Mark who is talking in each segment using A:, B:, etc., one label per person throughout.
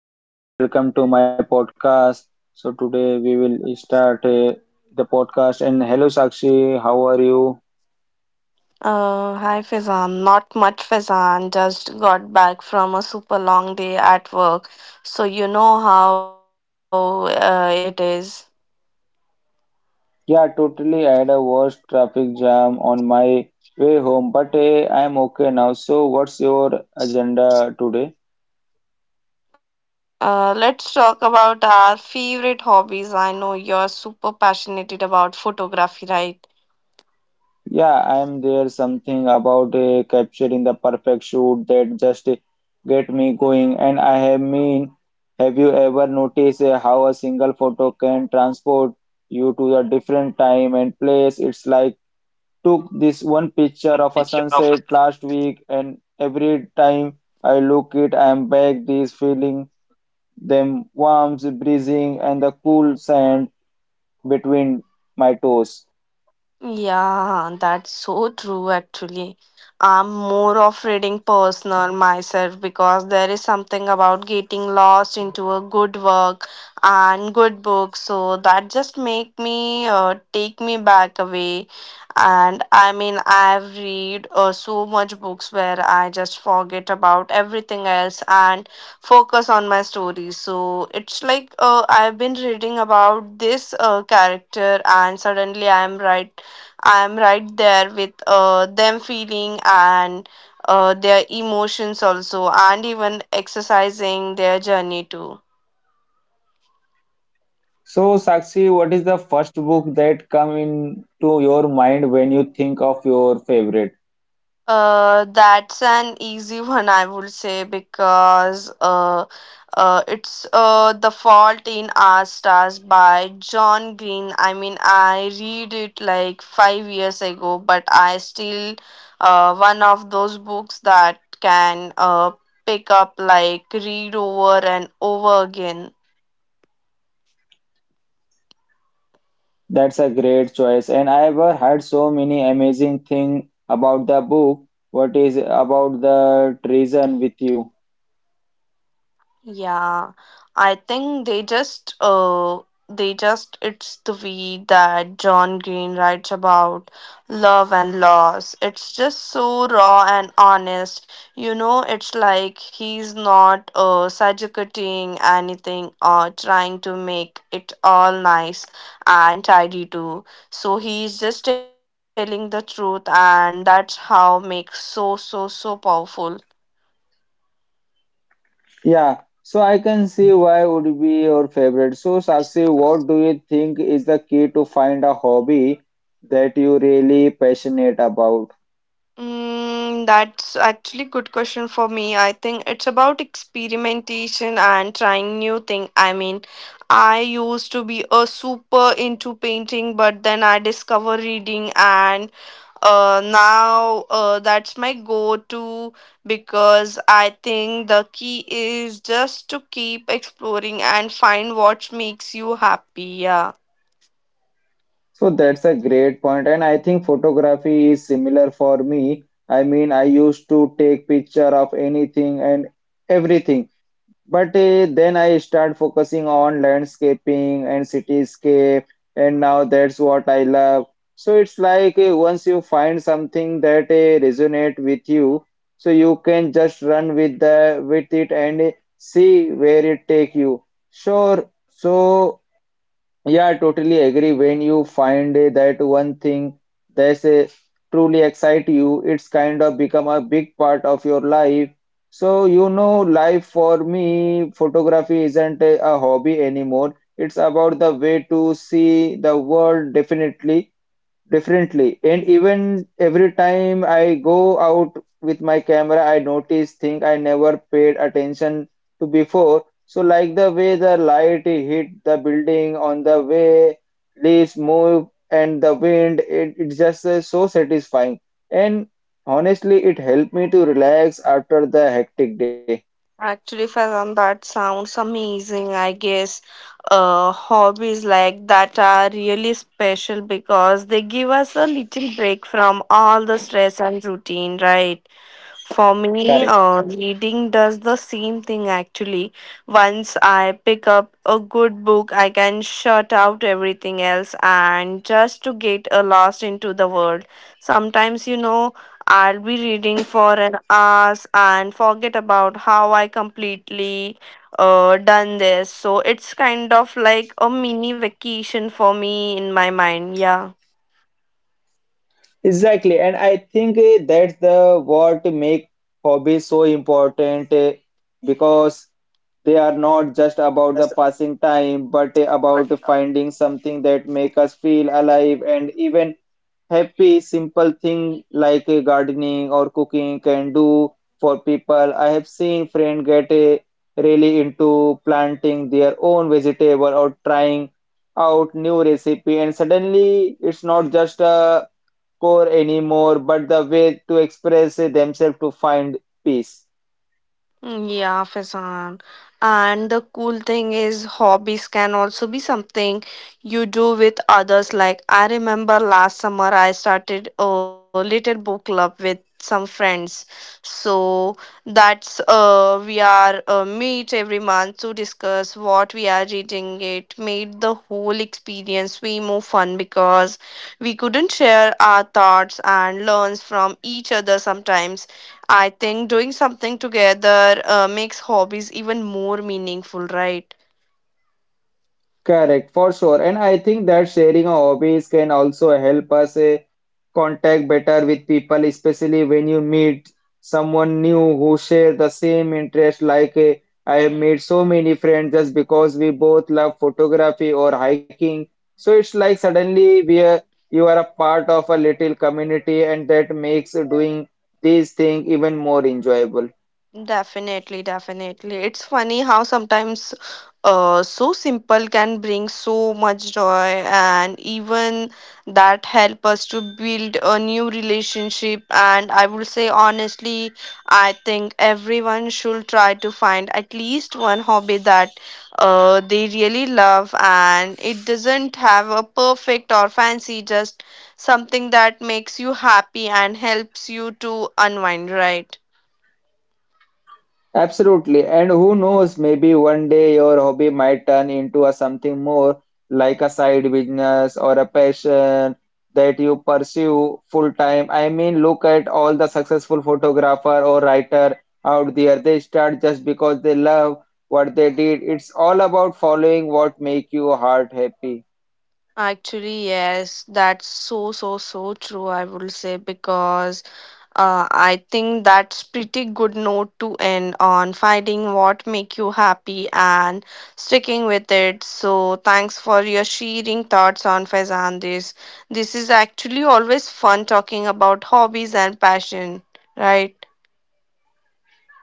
A: Hello everyone, welcome to my podcast. So today we will start the podcast. And hello Sakshi, how are you?
B: Hi Faizan. Not much, Faizan. Just got back from a super long day at work, so you know how it is.
A: Yeah, totally. I had a worst traffic jam on my way home, but I am okay now. So what's your agenda today?
B: Let's talk about our favorite hobbies. I know you're super passionate about photography, right?
A: Yeah, I'm there something about capturing the perfect shoot that just get me going. And I have mean, have you ever noticed how a single photo can transport you to a different time and place? It's like took this one picture of a sunset last week, and every time I look it, I'm back this feeling them warmth, breezing, and the cool sand between my toes.
B: Yeah, that's so true actually. I'm more of reading personal myself because there is something about getting lost into a good work and good book. So that just make me take me back away. And I mean, I've read so much books where I just forget about everything else and focus on my story. So it's like I've been reading about this character, and suddenly I'm right there with them feeling and their emotions also and even exercising their journey too.
A: So, Sakshi, what is the first book that come into your mind when you think of your favorite?
B: That's an easy one, I would say, because it's The Fault in Our Stars by John Green. I mean, I read it like 5 years ago, but I still one of those books that can pick up like read over and over again.
A: That's a great choice, and I have heard so many amazing thing about the book. What is about the treason with you?
B: Yeah, I think they just it's the way that John Green writes about love and loss. It's just so raw and honest. You know, it's like he's not sugarcoating anything or trying to make it all nice and tidy too. So he's just telling the truth and that's how makes so powerful.
A: Yeah, so I can see why would be your favorite. So, Sakshi, what do you think is the key to find a hobby that you really passionate about?
B: That's actually good question for me. I think it's about experimentation and trying new thing. I mean, I used to be a super into painting, but then I discover reading, and now that's my go-to because I think the key is just to keep exploring and find what makes you happy. Yeah.
A: So that's a great point, and I think photography is similar for me. I mean, I used to take picture of anything and everything, but then I start focusing on landscaping and cityscape, and now that's what I love. So it's like once you find something that resonate with you, so you can just run with the with it and see where it take you. Sure. So yeah, I totally agree. When you find that one thing that's truly excite you, it's kind of become a big part of your life. So, you know, life for me, photography isn't a hobby anymore. It's about the way to see the world, definitely. Differently, and even every time I go out with my camera, I notice things I never paid attention to before. So, like the way the light hit the building, on the way leaves move, and the wind, it's just so satisfying. And honestly, it helped me to relax after the hectic day.
B: Actually, Fazan, that sounds amazing. I guess hobbies like that are really special because they give us a little break from all the stress and routine, right? For me,
A: Correct.
B: reading does the same thing actually. Once I pick up a good book, I can shut out everything else and just to get lost into the world. Sometimes, you know, I'll be reading for an hour and forget about how I completely done this. So it's kind of like a mini vacation for me in my mind. Yeah.
A: Exactly, and I think that's the what make hobbies so important because they are not just about the passing time, but about finding something that make us feel alive and even happy. Simple thing like gardening or cooking can do for people. I have seen friends get really into planting their own vegetable or trying out new recipe, and suddenly it's not just a core anymore, but the way to express themselves to find peace.
B: Yeah, Faizan. And the cool thing is, hobbies can also be something you do with others. Like, I remember last summer I started a little book club with some friends. So, that's, we are meet every month to discuss what we are reading. It made the whole experience way more fun because we couldn't share our thoughts and learns from each other sometimes. I think doing something together makes hobbies even more meaningful, right?
A: Correct, for sure. And I think that sharing our hobbies can also help us contact better with people, especially when you meet someone new who share the same interest. Like I have made so many friends just because we both love photography or hiking. So it's like suddenly we are, you are a part of a little community, and that makes doing these things even more enjoyable.
B: Definitely, definitely. It's funny how sometimes so simple can bring so much joy, and even that help us to build a new relationship. And I would say honestly, I think everyone should try to find at least one hobby that they really love, and it doesn't have a perfect or fancy, just something that makes you happy and helps you to unwind, right?
A: Absolutely. And who knows, maybe one day your hobby might turn into a something more like a side business or a passion that you pursue full time. I mean, look at all the successful photographer or writer out there. They start just because they love what they did. It's all about following what make your heart happy.
B: Actually, yes, that's so true, I would say, because I think that's pretty good note to end on finding what make you happy and sticking with it. So thanks for your sharing thoughts on Faizan this. This is actually always fun talking about hobbies and passion, right?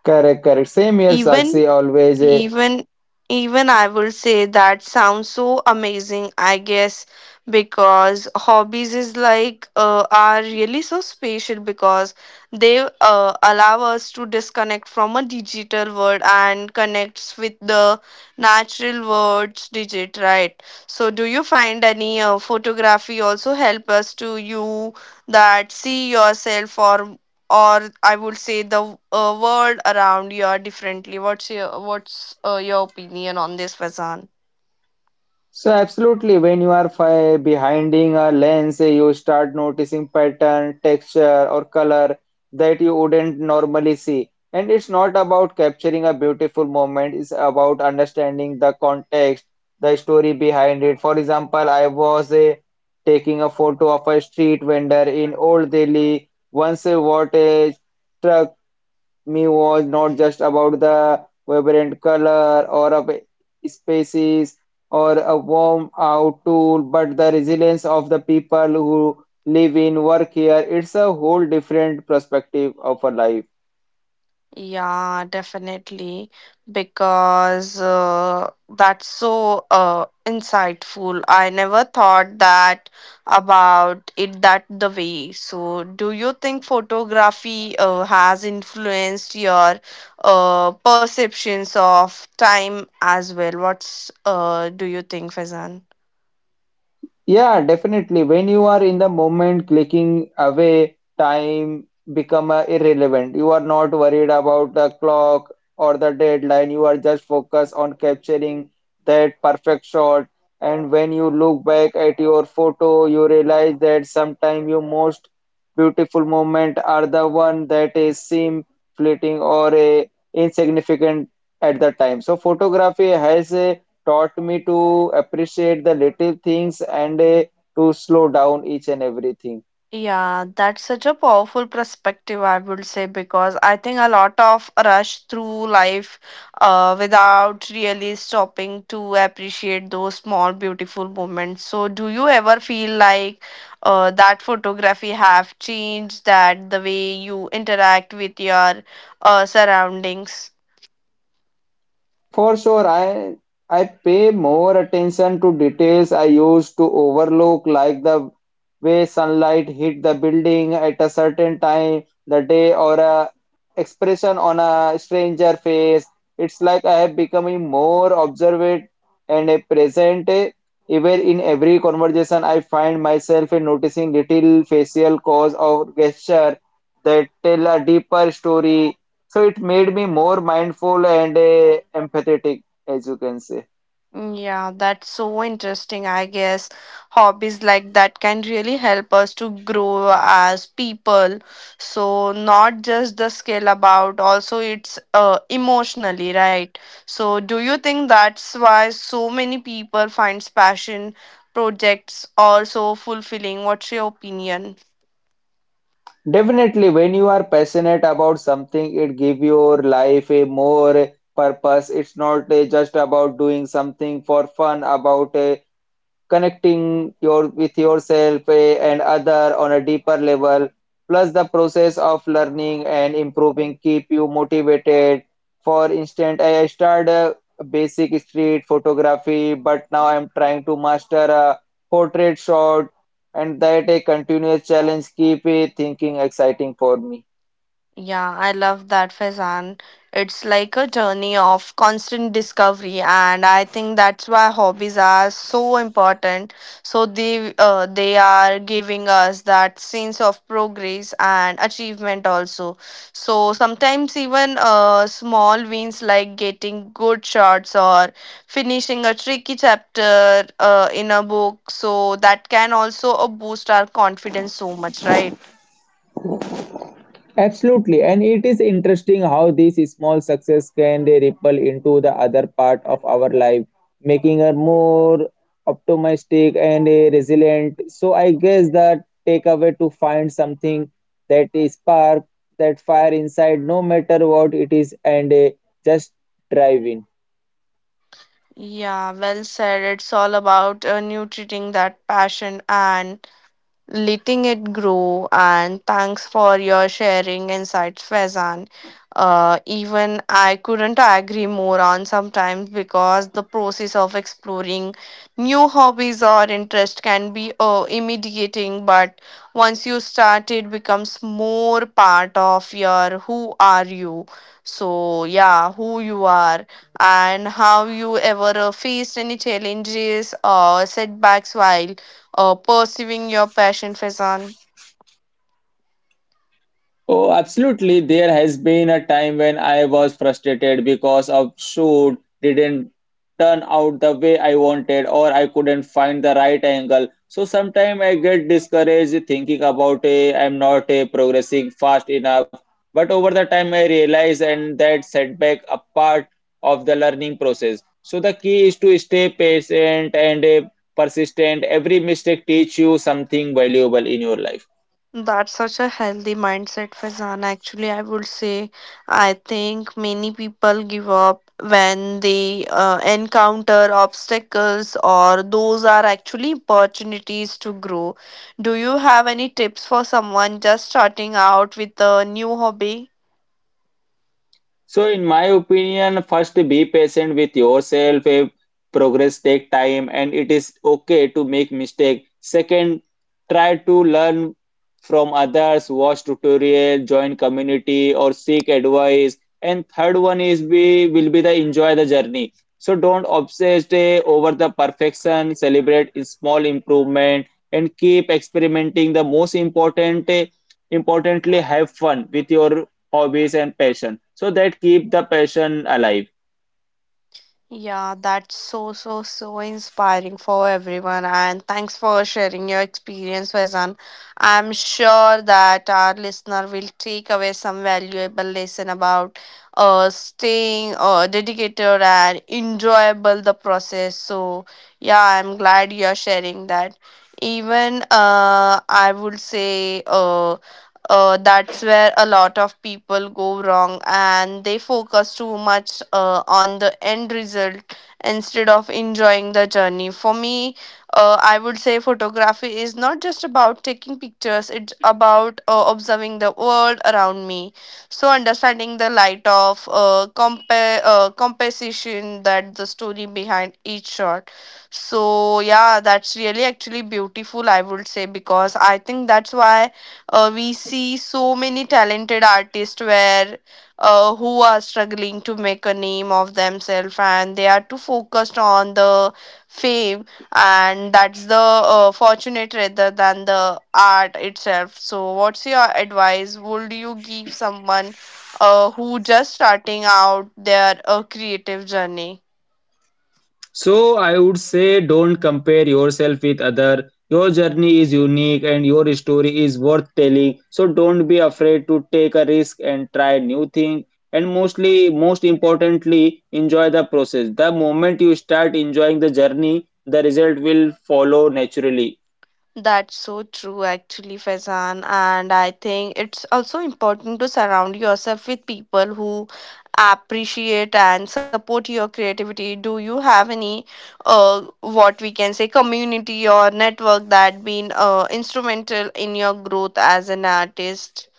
A: Correct, correct. Same here,
B: Even
A: Sakshi. Always a.
B: Even even I will say that sounds so amazing, I guess, because hobbies is like are really so special because they allow us to disconnect from a digital world and connects with the natural world's digit, right? So do you find any photography also help us to you that see yourself or I would say the world around you are differently. What's your opinion on this, Fazan?
A: So absolutely, when you are fi behinding a lens, you start noticing pattern, texture, or color that you wouldn't normally see. And it's not about capturing a beautiful moment, it's about understanding the context, the story behind it. For example, I was taking a photo of a street vendor in Old Delhi once what a truck me was not just about the vibrant color or of spaces or a warm out tool, but the resilience of the people who live in work here. It's a whole different perspective of a life.
B: Yeah, definitely, because that's so insightful. I never thought that about it that the way. So, do you think photography has influenced your perceptions of time as well? What's do you think, Fazan?
A: Yeah, definitely. When you are in the moment, clicking away, time become irrelevant. You are not worried about the clock or the deadline. You are just focused on capturing that perfect shot. And when you look back at your photo, you realize that sometimes your most beautiful moment are the one that is seem fleeting or insignificant at the time. So photography has a taught me to appreciate the little things and to slow down each and everything.
B: Yeah, that's such a powerful perspective, I would say, because I think a lot of rush through life without really stopping to appreciate those small, beautiful moments. So, do you ever feel like that photography have changed that the way you interact with your surroundings?
A: For sure, I pay more attention to details I used to overlook, like the way sunlight hit the building at a certain time the day or a expression on a stranger face. It's like I have becoming more observant and a present. Even in every conversation, I find myself in noticing little facial cause or gesture that tell a deeper story, so it made me more mindful and empathetic, as you can say.
B: Yeah, that's so interesting. I guess hobbies like that can really help us to grow as people. So not just the skill about, also it's emotionally, right? So do you think that's why so many people finds passion projects also fulfilling? What's your opinion?
A: Definitely, when you are passionate about something, it give your life a more purpose. It's not just about doing something for fun, about connecting your with yourself and other on a deeper level, plus the process of learning and improving keep you motivated. For instance, I started basic street photography, but now I'm trying to master a portrait shot, and that a continuous challenge keep thinking exciting for me.
B: Yeah, I love that, Faizan. It's like a journey of constant discovery, and I think that's why hobbies are so important. So they are giving us that sense of progress and achievement also. So sometimes even small wins like getting good shots or finishing a tricky chapter in a book, so that can also boost our confidence so much, right?
A: Absolutely, and it is interesting how this small success can ripple into the other part of our life, making us more optimistic and resilient. So I guess the takeaway to find something that is spark that fire inside, no matter what it is, and just drive in.
B: Yeah, well said. It's all about nurturing that passion and letting it grow. And thanks for your sharing insights, Faizan. Even I couldn't agree more on sometimes because the process of exploring new hobbies or interest can be intimidating, but once you start, it becomes more part of your who are you. So yeah, who you are and how you ever faced any challenges or setbacks while pursuing your passion, Faizan.
A: Oh, absolutely. There has been a time when I was frustrated because a shoot didn't turn out the way I wanted or I couldn't find the right angle. So sometimes I get discouraged thinking about a I'm not a progressing fast enough. But over the time I realize and that setback a part of the learning process. So the key is to stay patient and persistent. Every mistake teach you something valuable in your life.
B: That's such a healthy mindset, Faizan. Actually, I would say I think many people give up when they encounter obstacles, or those are actually opportunities to grow. Do you have any tips for someone just starting out with a new hobby?
A: So, in my opinion, first be patient with yourself. Progress take time, and it is okay to make mistake. Second, try to learn from others, watch tutorial, join community, or seek advice. And third one is be will be the enjoy the journey. So don't obsess over the perfection. Celebrate small improvement and keep experimenting. The most importantly, have fun with your hobbies and passion so that keep the passion alive.
B: Yeah, that's so inspiring for everyone. And thanks for sharing your experience, Faizan. I'm sure that our listener will take away some valuable lesson about staying dedicated and enjoyable the process. So, yeah, I'm glad you're sharing that. Even I would say, that's where a lot of people go wrong and they focus too much on the end result instead of enjoying the journey for me. I would say photography is not just about taking pictures. It's about observing the world around me, so understanding the light of composition that the story behind each shot. So yeah, that's really actually beautiful, I would say, because I think that's why we see so many talented artists where who are struggling to make a name of themselves and they are too focused on the fame, and that's the fortunate rather than the art itself. So what's your advice would you give someone who just starting out their creative journey?
A: So I would say don't compare yourself with other. Your journey is unique and your story is worth telling. So don't be afraid to take a risk and try new thing. And mostly, most importantly, enjoy the process. The moment you start enjoying the journey, the result will follow naturally.
B: That's so true, actually, Faizan. And I think it's also important to surround yourself with people who appreciate and support your creativity. Do you have any, what we can say, community or network that been instrumental in your growth as an artist?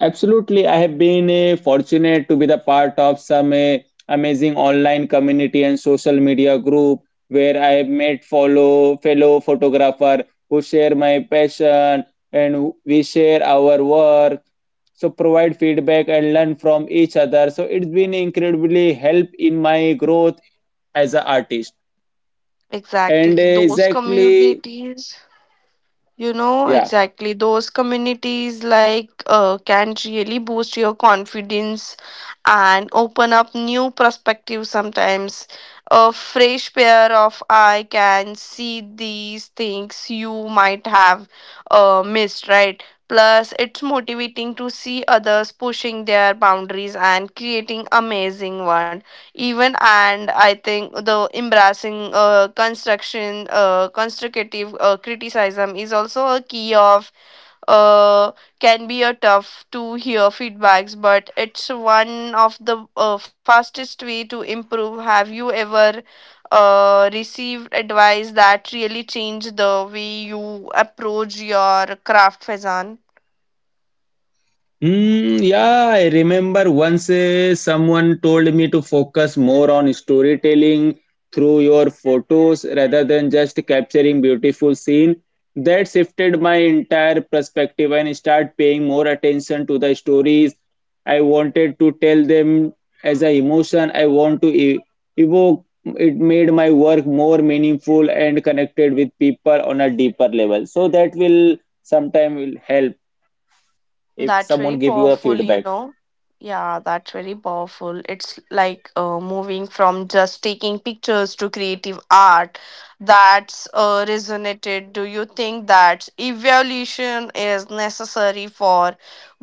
A: Absolutely. I have been fortunate to be the part of some amazing online community and social media group where I have met follow fellow photographer who share my passion and we share our work. So provide feedback and learn from each other. So it's been incredibly help in my growth as an artist. And
B: Exactly, those
A: exactly,
B: communities. You know,
A: yeah.
B: exactly. Those communities like can really boost your confidence and open up new perspectives sometimes. A fresh pair of eye can see these things you might have missed, right? Plus, it's motivating to see others pushing their boundaries and creating amazing ones even. And I think the embracing construction constructive criticism is also a key of uh, can be a tough to hear feedbacks, but it's one of the fastest way to improve. Have you ever received advice that really changed the way you approach your craft, Fazan?
A: Mm, yeah, I remember once someone told me to focus more on storytelling through your photos rather than just capturing beautiful scene. That shifted my entire perspective and start paying more attention to the stories. I wanted to tell them as a emotion I want to evoke. It made my work more meaningful and connected with people on a deeper level. So that will sometime will help if
B: That's very
A: someone give you a
B: powerful, you
A: feedback.
B: know. Yeah, that's very powerful. It's like moving from just taking pictures to creative art. That's resonated. Do you think that evolution is necessary for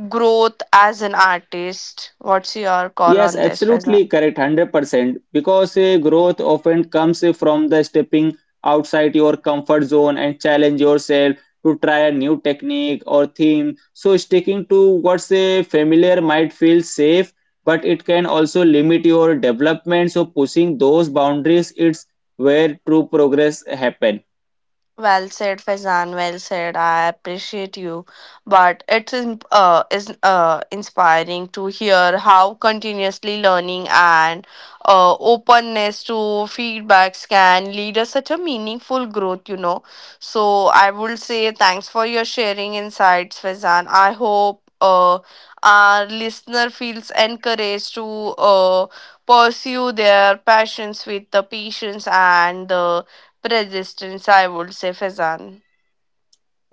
B: growth as an artist? What's your call
A: Yes,
B: on this,
A: absolutely
B: Faizan?
A: correct, 100%, because growth often comes from the stepping outside your comfort zone and challenge yourself to try a new technique or theme. So sticking to what's familiar might feel safe, but it can also limit your development. So pushing those boundaries, it's where true progress happen.
B: Well said, Faizan. Well said. I appreciate you, but it's in- is inspiring to hear how continuously learning and openness to feedbacks can lead us such a meaningful growth. You know, so I would say thanks for your sharing insights, Faizan. I hope our listener feels encouraged to uh, pursue their passions with the patience and the resistance, I would say, Faizan.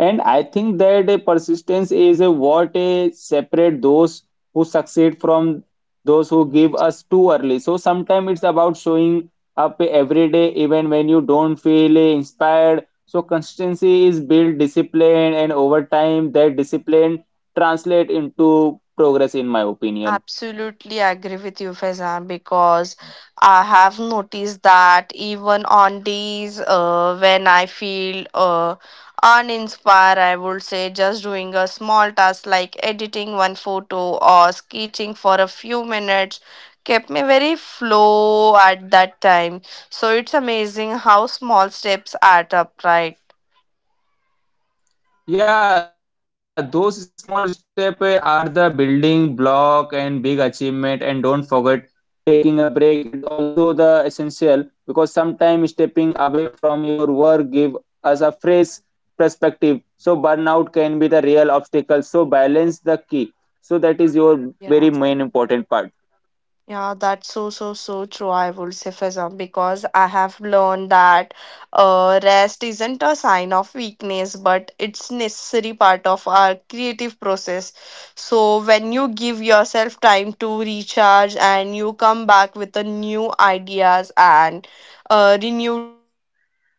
A: And I think that a persistence is a what a separate those who succeed from those who give us too early. So sometimes it's about showing up every day, even when you don't feel inspired. So consistency is build discipline, and over time, that discipline translate into progress, in my opinion.
B: Absolutely agree with you, Faizan, because I have noticed that even on days when I feel uninspired, I would say just doing a small task like editing one photo or sketching for a few minutes kept me very flow at that time. So it's amazing how small steps add up, right?
A: Yeah, those small steps are the building block and big achievement. And don't forget taking a break is also the essential, because sometimes stepping away from your work give us a fresh perspective. So burnout can be the real obstacle. So balance the key. So that is your very main important part.
B: Yeah. Yeah, that's so true, I would say, Fizam, because I have learned that rest isn't a sign of weakness, but it's necessary part of our creative process. So when you give yourself time to recharge and you come back with the new ideas and renewed energy, right?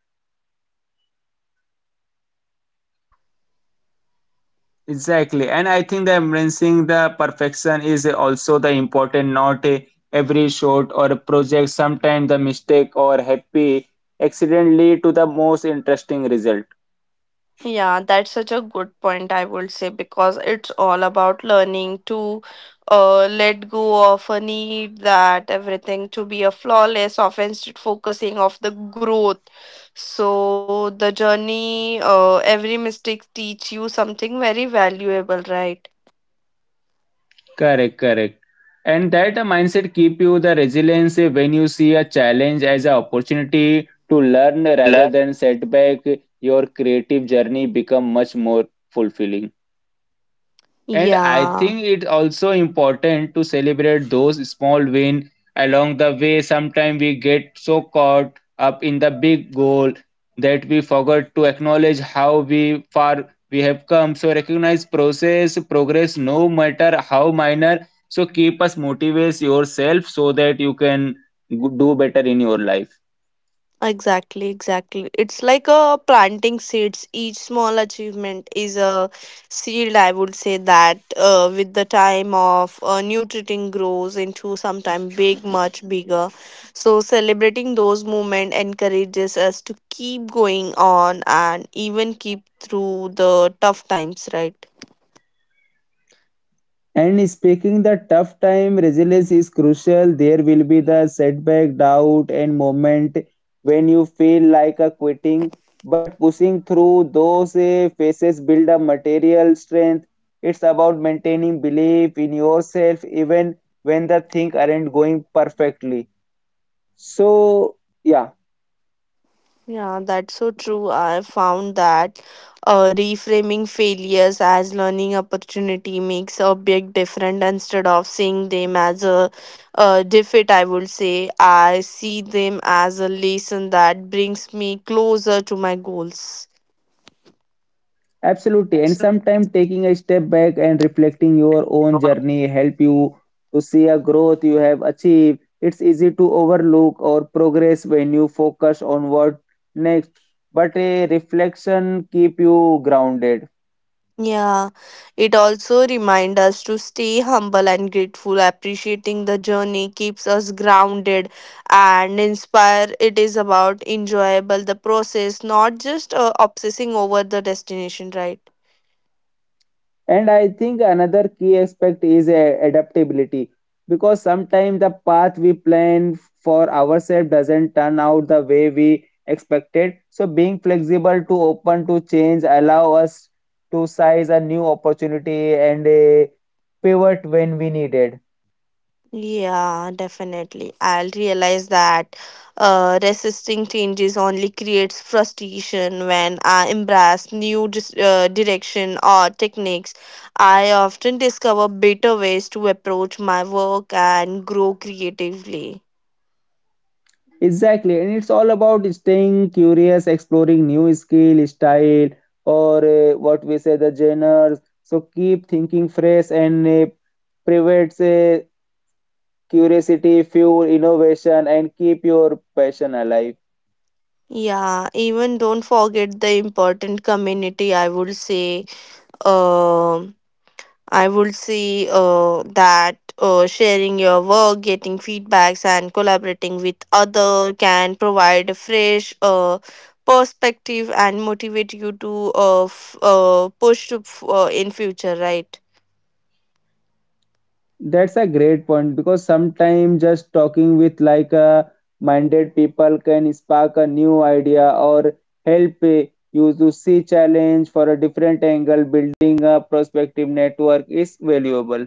A: Exactly, and I think the embracing the perfection is also the important. Not a, every short or a project. Sometimes the mistake or happy accident lead to the most interesting result.
B: Yeah, that's such a good point, I would say, because it's all about learning to let go of a need that everything to be a flawless of instead focusing of the growth. So the journey, every mistake teach you something very valuable, right?
A: Correct, correct. And that the mindset keep you the resilience when you see a challenge as an opportunity to learn rather than setback. Your creative journey become much more fulfilling. And I think
B: Yeah.
A: it's also important to celebrate those small wins along the way. Sometimes we get so caught up in the big goal that we forget to acknowledge how we far we have come. So recognize process, progress, no matter how minor. So keep us motivates yourself so that you can do better in your life.
B: Exactly, exactly. It's like a planting seeds. Each small achievement is a seed, I would say that with the time of nutriting grows into sometime big, much bigger. So celebrating those moments encourages us to keep going on and even keep through the tough times, right?
A: And speaking the tough time, resilience is crucial. There will be the setback, doubt, and moment when you feel like a quitting. But pushing through those phases build a material strength. It's about maintaining belief in yourself even when the things aren't going perfectly. So yeah.
B: Yeah, that's so true. I found that reframing failures as learning opportunity makes a big difference instead of seeing them as a defeat, I would say. I see them as a lesson that brings me closer to my goals.
A: Absolutely. And sometimes taking a step back and reflecting your own journey help you to see a growth you have achieved. It's easy to overlook or progress when you focus on what next, but a reflection keep you grounded.
B: Yeah, it also reminds us to stay humble and grateful. Appreciating the journey keeps us grounded and inspire. It is about enjoyable the process, not just obsessing over the destination, right?
A: And I think another key aspect is a adaptability because sometimes the path we plan for ourselves doesn't turn out the way we expected. So being flexible to open to change allow us to seize a new opportunity and a pivot when we needed.
B: Yeah, definitely. I'll realize that resisting changes only creates frustration when I embrace new direction or techniques. I often discover better ways to approach my work and grow creatively.
A: Exactly, and it's all about staying curious, exploring new skill, style, or what we say the genres. So keep thinking fresh and prevents curiosity, fuel innovation, and keep your passion alive.
B: Yeah, even don't forget the important community, I would say. Um I would say that sharing your work, getting feedbacks, and collaborating with other can provide a fresh perspective and motivate you to push to in future, right?
A: That's a great point because sometimes just talking with like a minded people can spark a new idea or help you to see challenge for a different angle. Building a prospective network is valuable.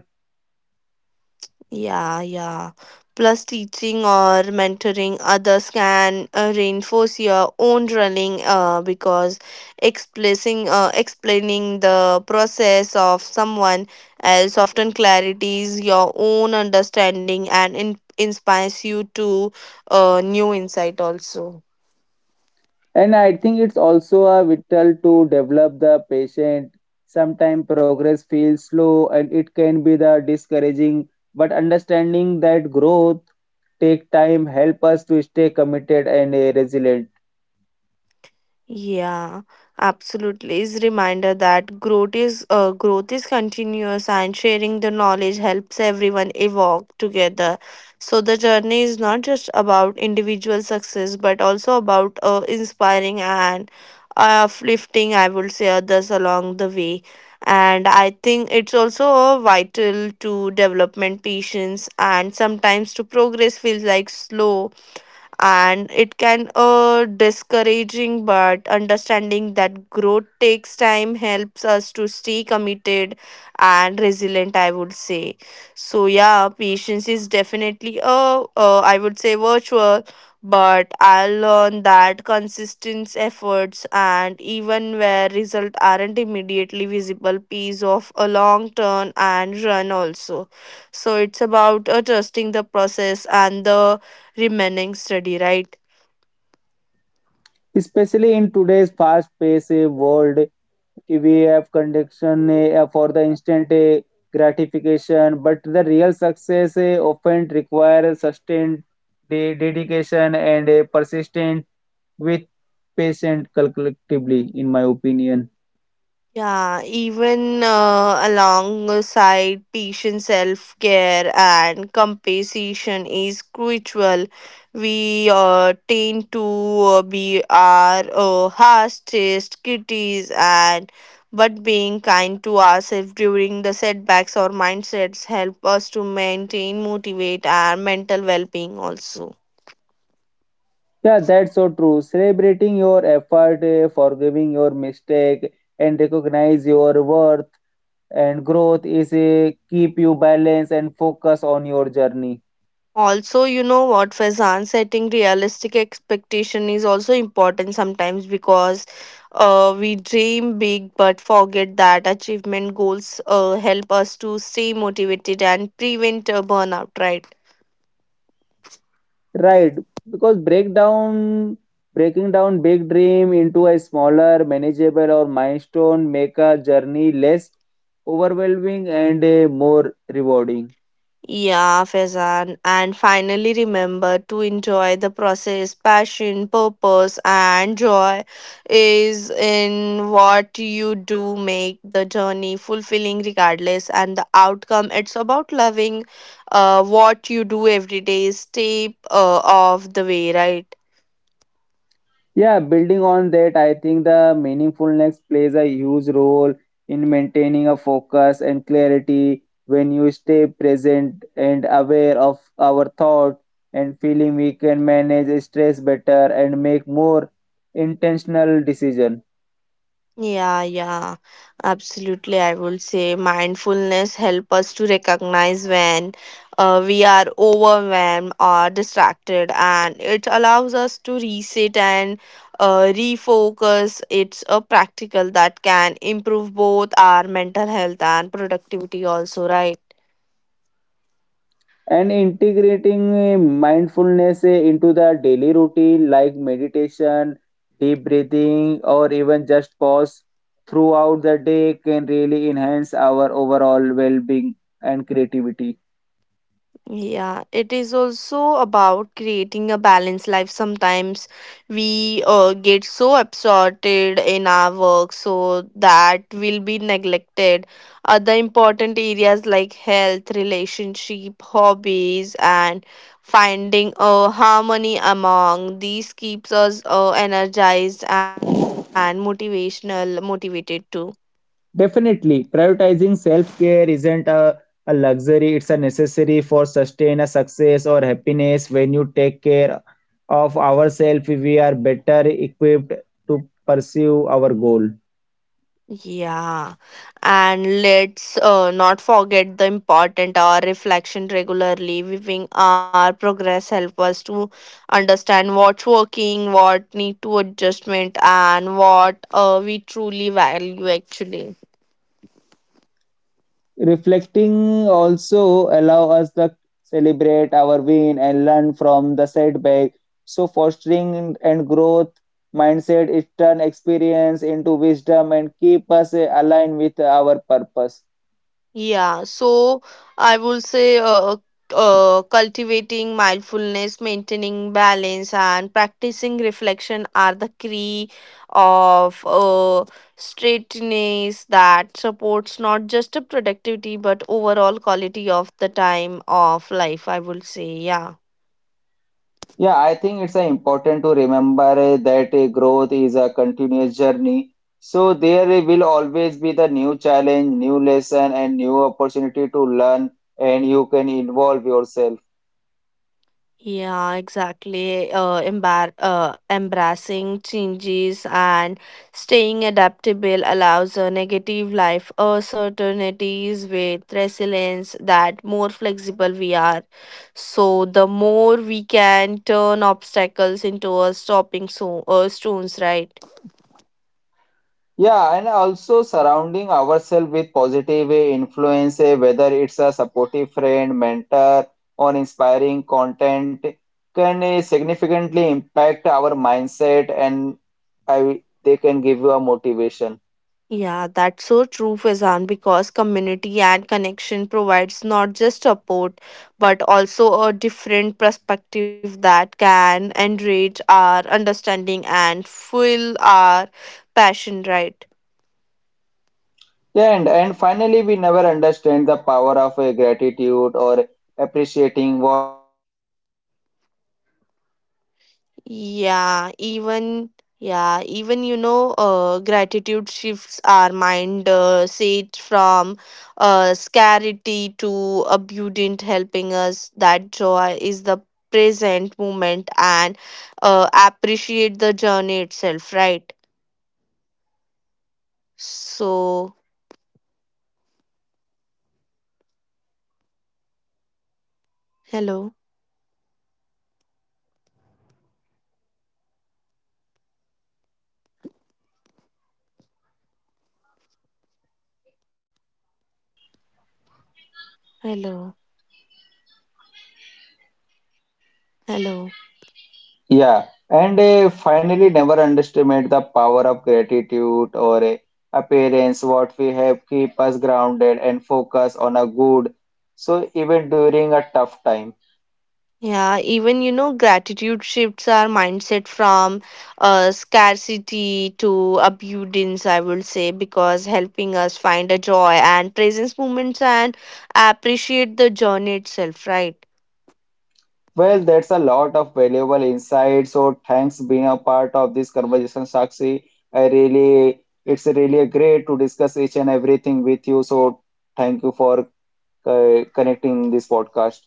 B: Yeah, yeah. Plus, teaching or mentoring others can reinforce your own running because explaining the process of someone else often clarities your own understanding and inspires you to new insight also.
A: And I think it's also a vital to develop the patient. Sometimes progress feels slow and it can be the discouraging, but understanding that growth take time help us to stay committed and resilient.
B: Yeah, absolutely. Is reminder that growth is continuous, and sharing the knowledge helps everyone evolve together. So the journey is not just about individual success, but also about inspiring and uplifting. I would say others along the way, and I think it's also vital to development, patience, and sometimes to progress feels like slow and it can discouraging but understanding that growth takes time helps us to stay committed and resilient I would say. So yeah, patience is definitely a I would say virtual, but I learned that consistent efforts and even where results aren't immediately visible pays off a long turn and run also. So it's about trusting the process and the remaining steady, right?
A: Especially in today's fast-paced world, we have condition for the instant gratification, but the real success often requires sustained dedication and a persistent with patient collectively, in my opinion.
B: Yeah, even alongside patient self care and compensation is crucial. We tend to be our harshest critics, and but being kind to ourselves during the setbacks or mindsets help us to maintain, motivate our mental well being also.
A: Yeah, that's so true. Celebrating your effort, forgiving your mistake and recognize your worth and growth is a keep you balanced and focus on your journey.
B: Also, you know what, Faizan, setting realistic expectation is also important sometimes because we dream big but forget that achievement goals help us to stay motivated and prevent burnout, right?
A: Right, because breaking down big dream into a smaller manageable or milestone make a journey less overwhelming and more rewarding.
B: Yeah, Faizan. And finally, remember to enjoy the process. Passion, purpose, and joy is in what you do make the journey fulfilling, regardless, and the outcome. It's about loving what you do every day, step of the way, right?
A: Yeah, building on that, I think the meaningfulness plays a huge role in maintaining a focus and clarity when you stay present and aware of our thought and feeling we can manage stress better and make more intentional decision.
B: Yeah, yeah, absolutely. I would say mindfulness help us to recognize when we are overwhelmed or distracted, and it allows us to reset and refocus. It's a practical that can improve both our mental health and productivity, also, right?
A: And integrating mindfulness into the daily routine like meditation, deep breathing, or even just pause throughout the day can really enhance our overall well-being and creativity.
B: Yeah, it is also about creating a balanced life. Sometimes we get so absorbed in our work, so that will be neglected. Other important areas like health, relationship, hobbies, and finding a harmony among these keeps us energized and motivational, motivated too.
A: Definitely prioritizing self-care isn't a luxury, it's a necessary for sustain a success or happiness. When you take care of ourselves we are better equipped to pursue our goal.
B: Yeah, and let's not forget the important our reflection regularly. Viewing our progress help us to understand what's working, what need to adjustment, and what we truly value actually.
A: Reflecting also allow us to celebrate our win and learn from the setback. So fostering and growth mindset is turn experience into wisdom and keep us aligned with our purpose.
B: Yeah, so I will say cultivating mindfulness, maintaining balance, and practicing reflection are the key of straightness that supports not just a productivity but overall quality of the time of life. I will say, yeah.
A: Yeah, I think it's important to remember that growth is a continuous journey. So there will always be the new challenge, new lesson, and new opportunity to learn, and you can involve yourself.
B: Yeah, exactly. Embracing changes and staying adaptable allows a negative life uncertainties with resilience that more flexible we are. So the more we can turn obstacles into a stopping stones, right?
A: Yeah, and also surrounding ourselves with positive influence, whether it's a supportive friend, mentor, or inspiring content, can significantly impact our mindset, and I, they can give you a motivation.
B: Yeah, that's so true, Faizan, because community and connection provides not just support but also a different perspective that can enrich our understanding and fuel our passion, right?
A: Yeah, and.
B: Yeah, even yeah, even you know, gratitude shifts our mind, say from scarcity to abundant, helping us that joy is the present moment and appreciate the journey itself, right? So, hello, hello, hello.
A: Yeah, and finally, never underestimate the power of gratitude or appearance. What we have keep us grounded and focus on a good. So even during a tough time.
B: Yeah, even you know, gratitude shifts our mindset from scarcity to abundance, I would say, because helping us find a joy and presence moments and appreciate the journey itself, right?
A: Well, that's a lot of valuable insight. So thanks being a part of this conversation, Sakshi. I really, it's really great to discuss each and everything with you. So thank you for connecting this podcast.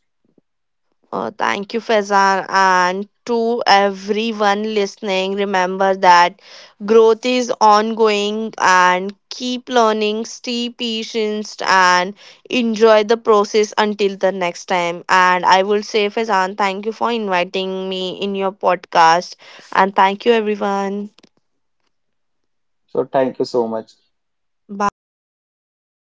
B: Thank you, Faizan. And to everyone listening, remember that growth is ongoing and keep learning, stay patient, and enjoy the process until the next time. And I will say, Faizan, thank you for inviting me in your podcast. And thank you, everyone.
A: So thank you so much.
B: Bye.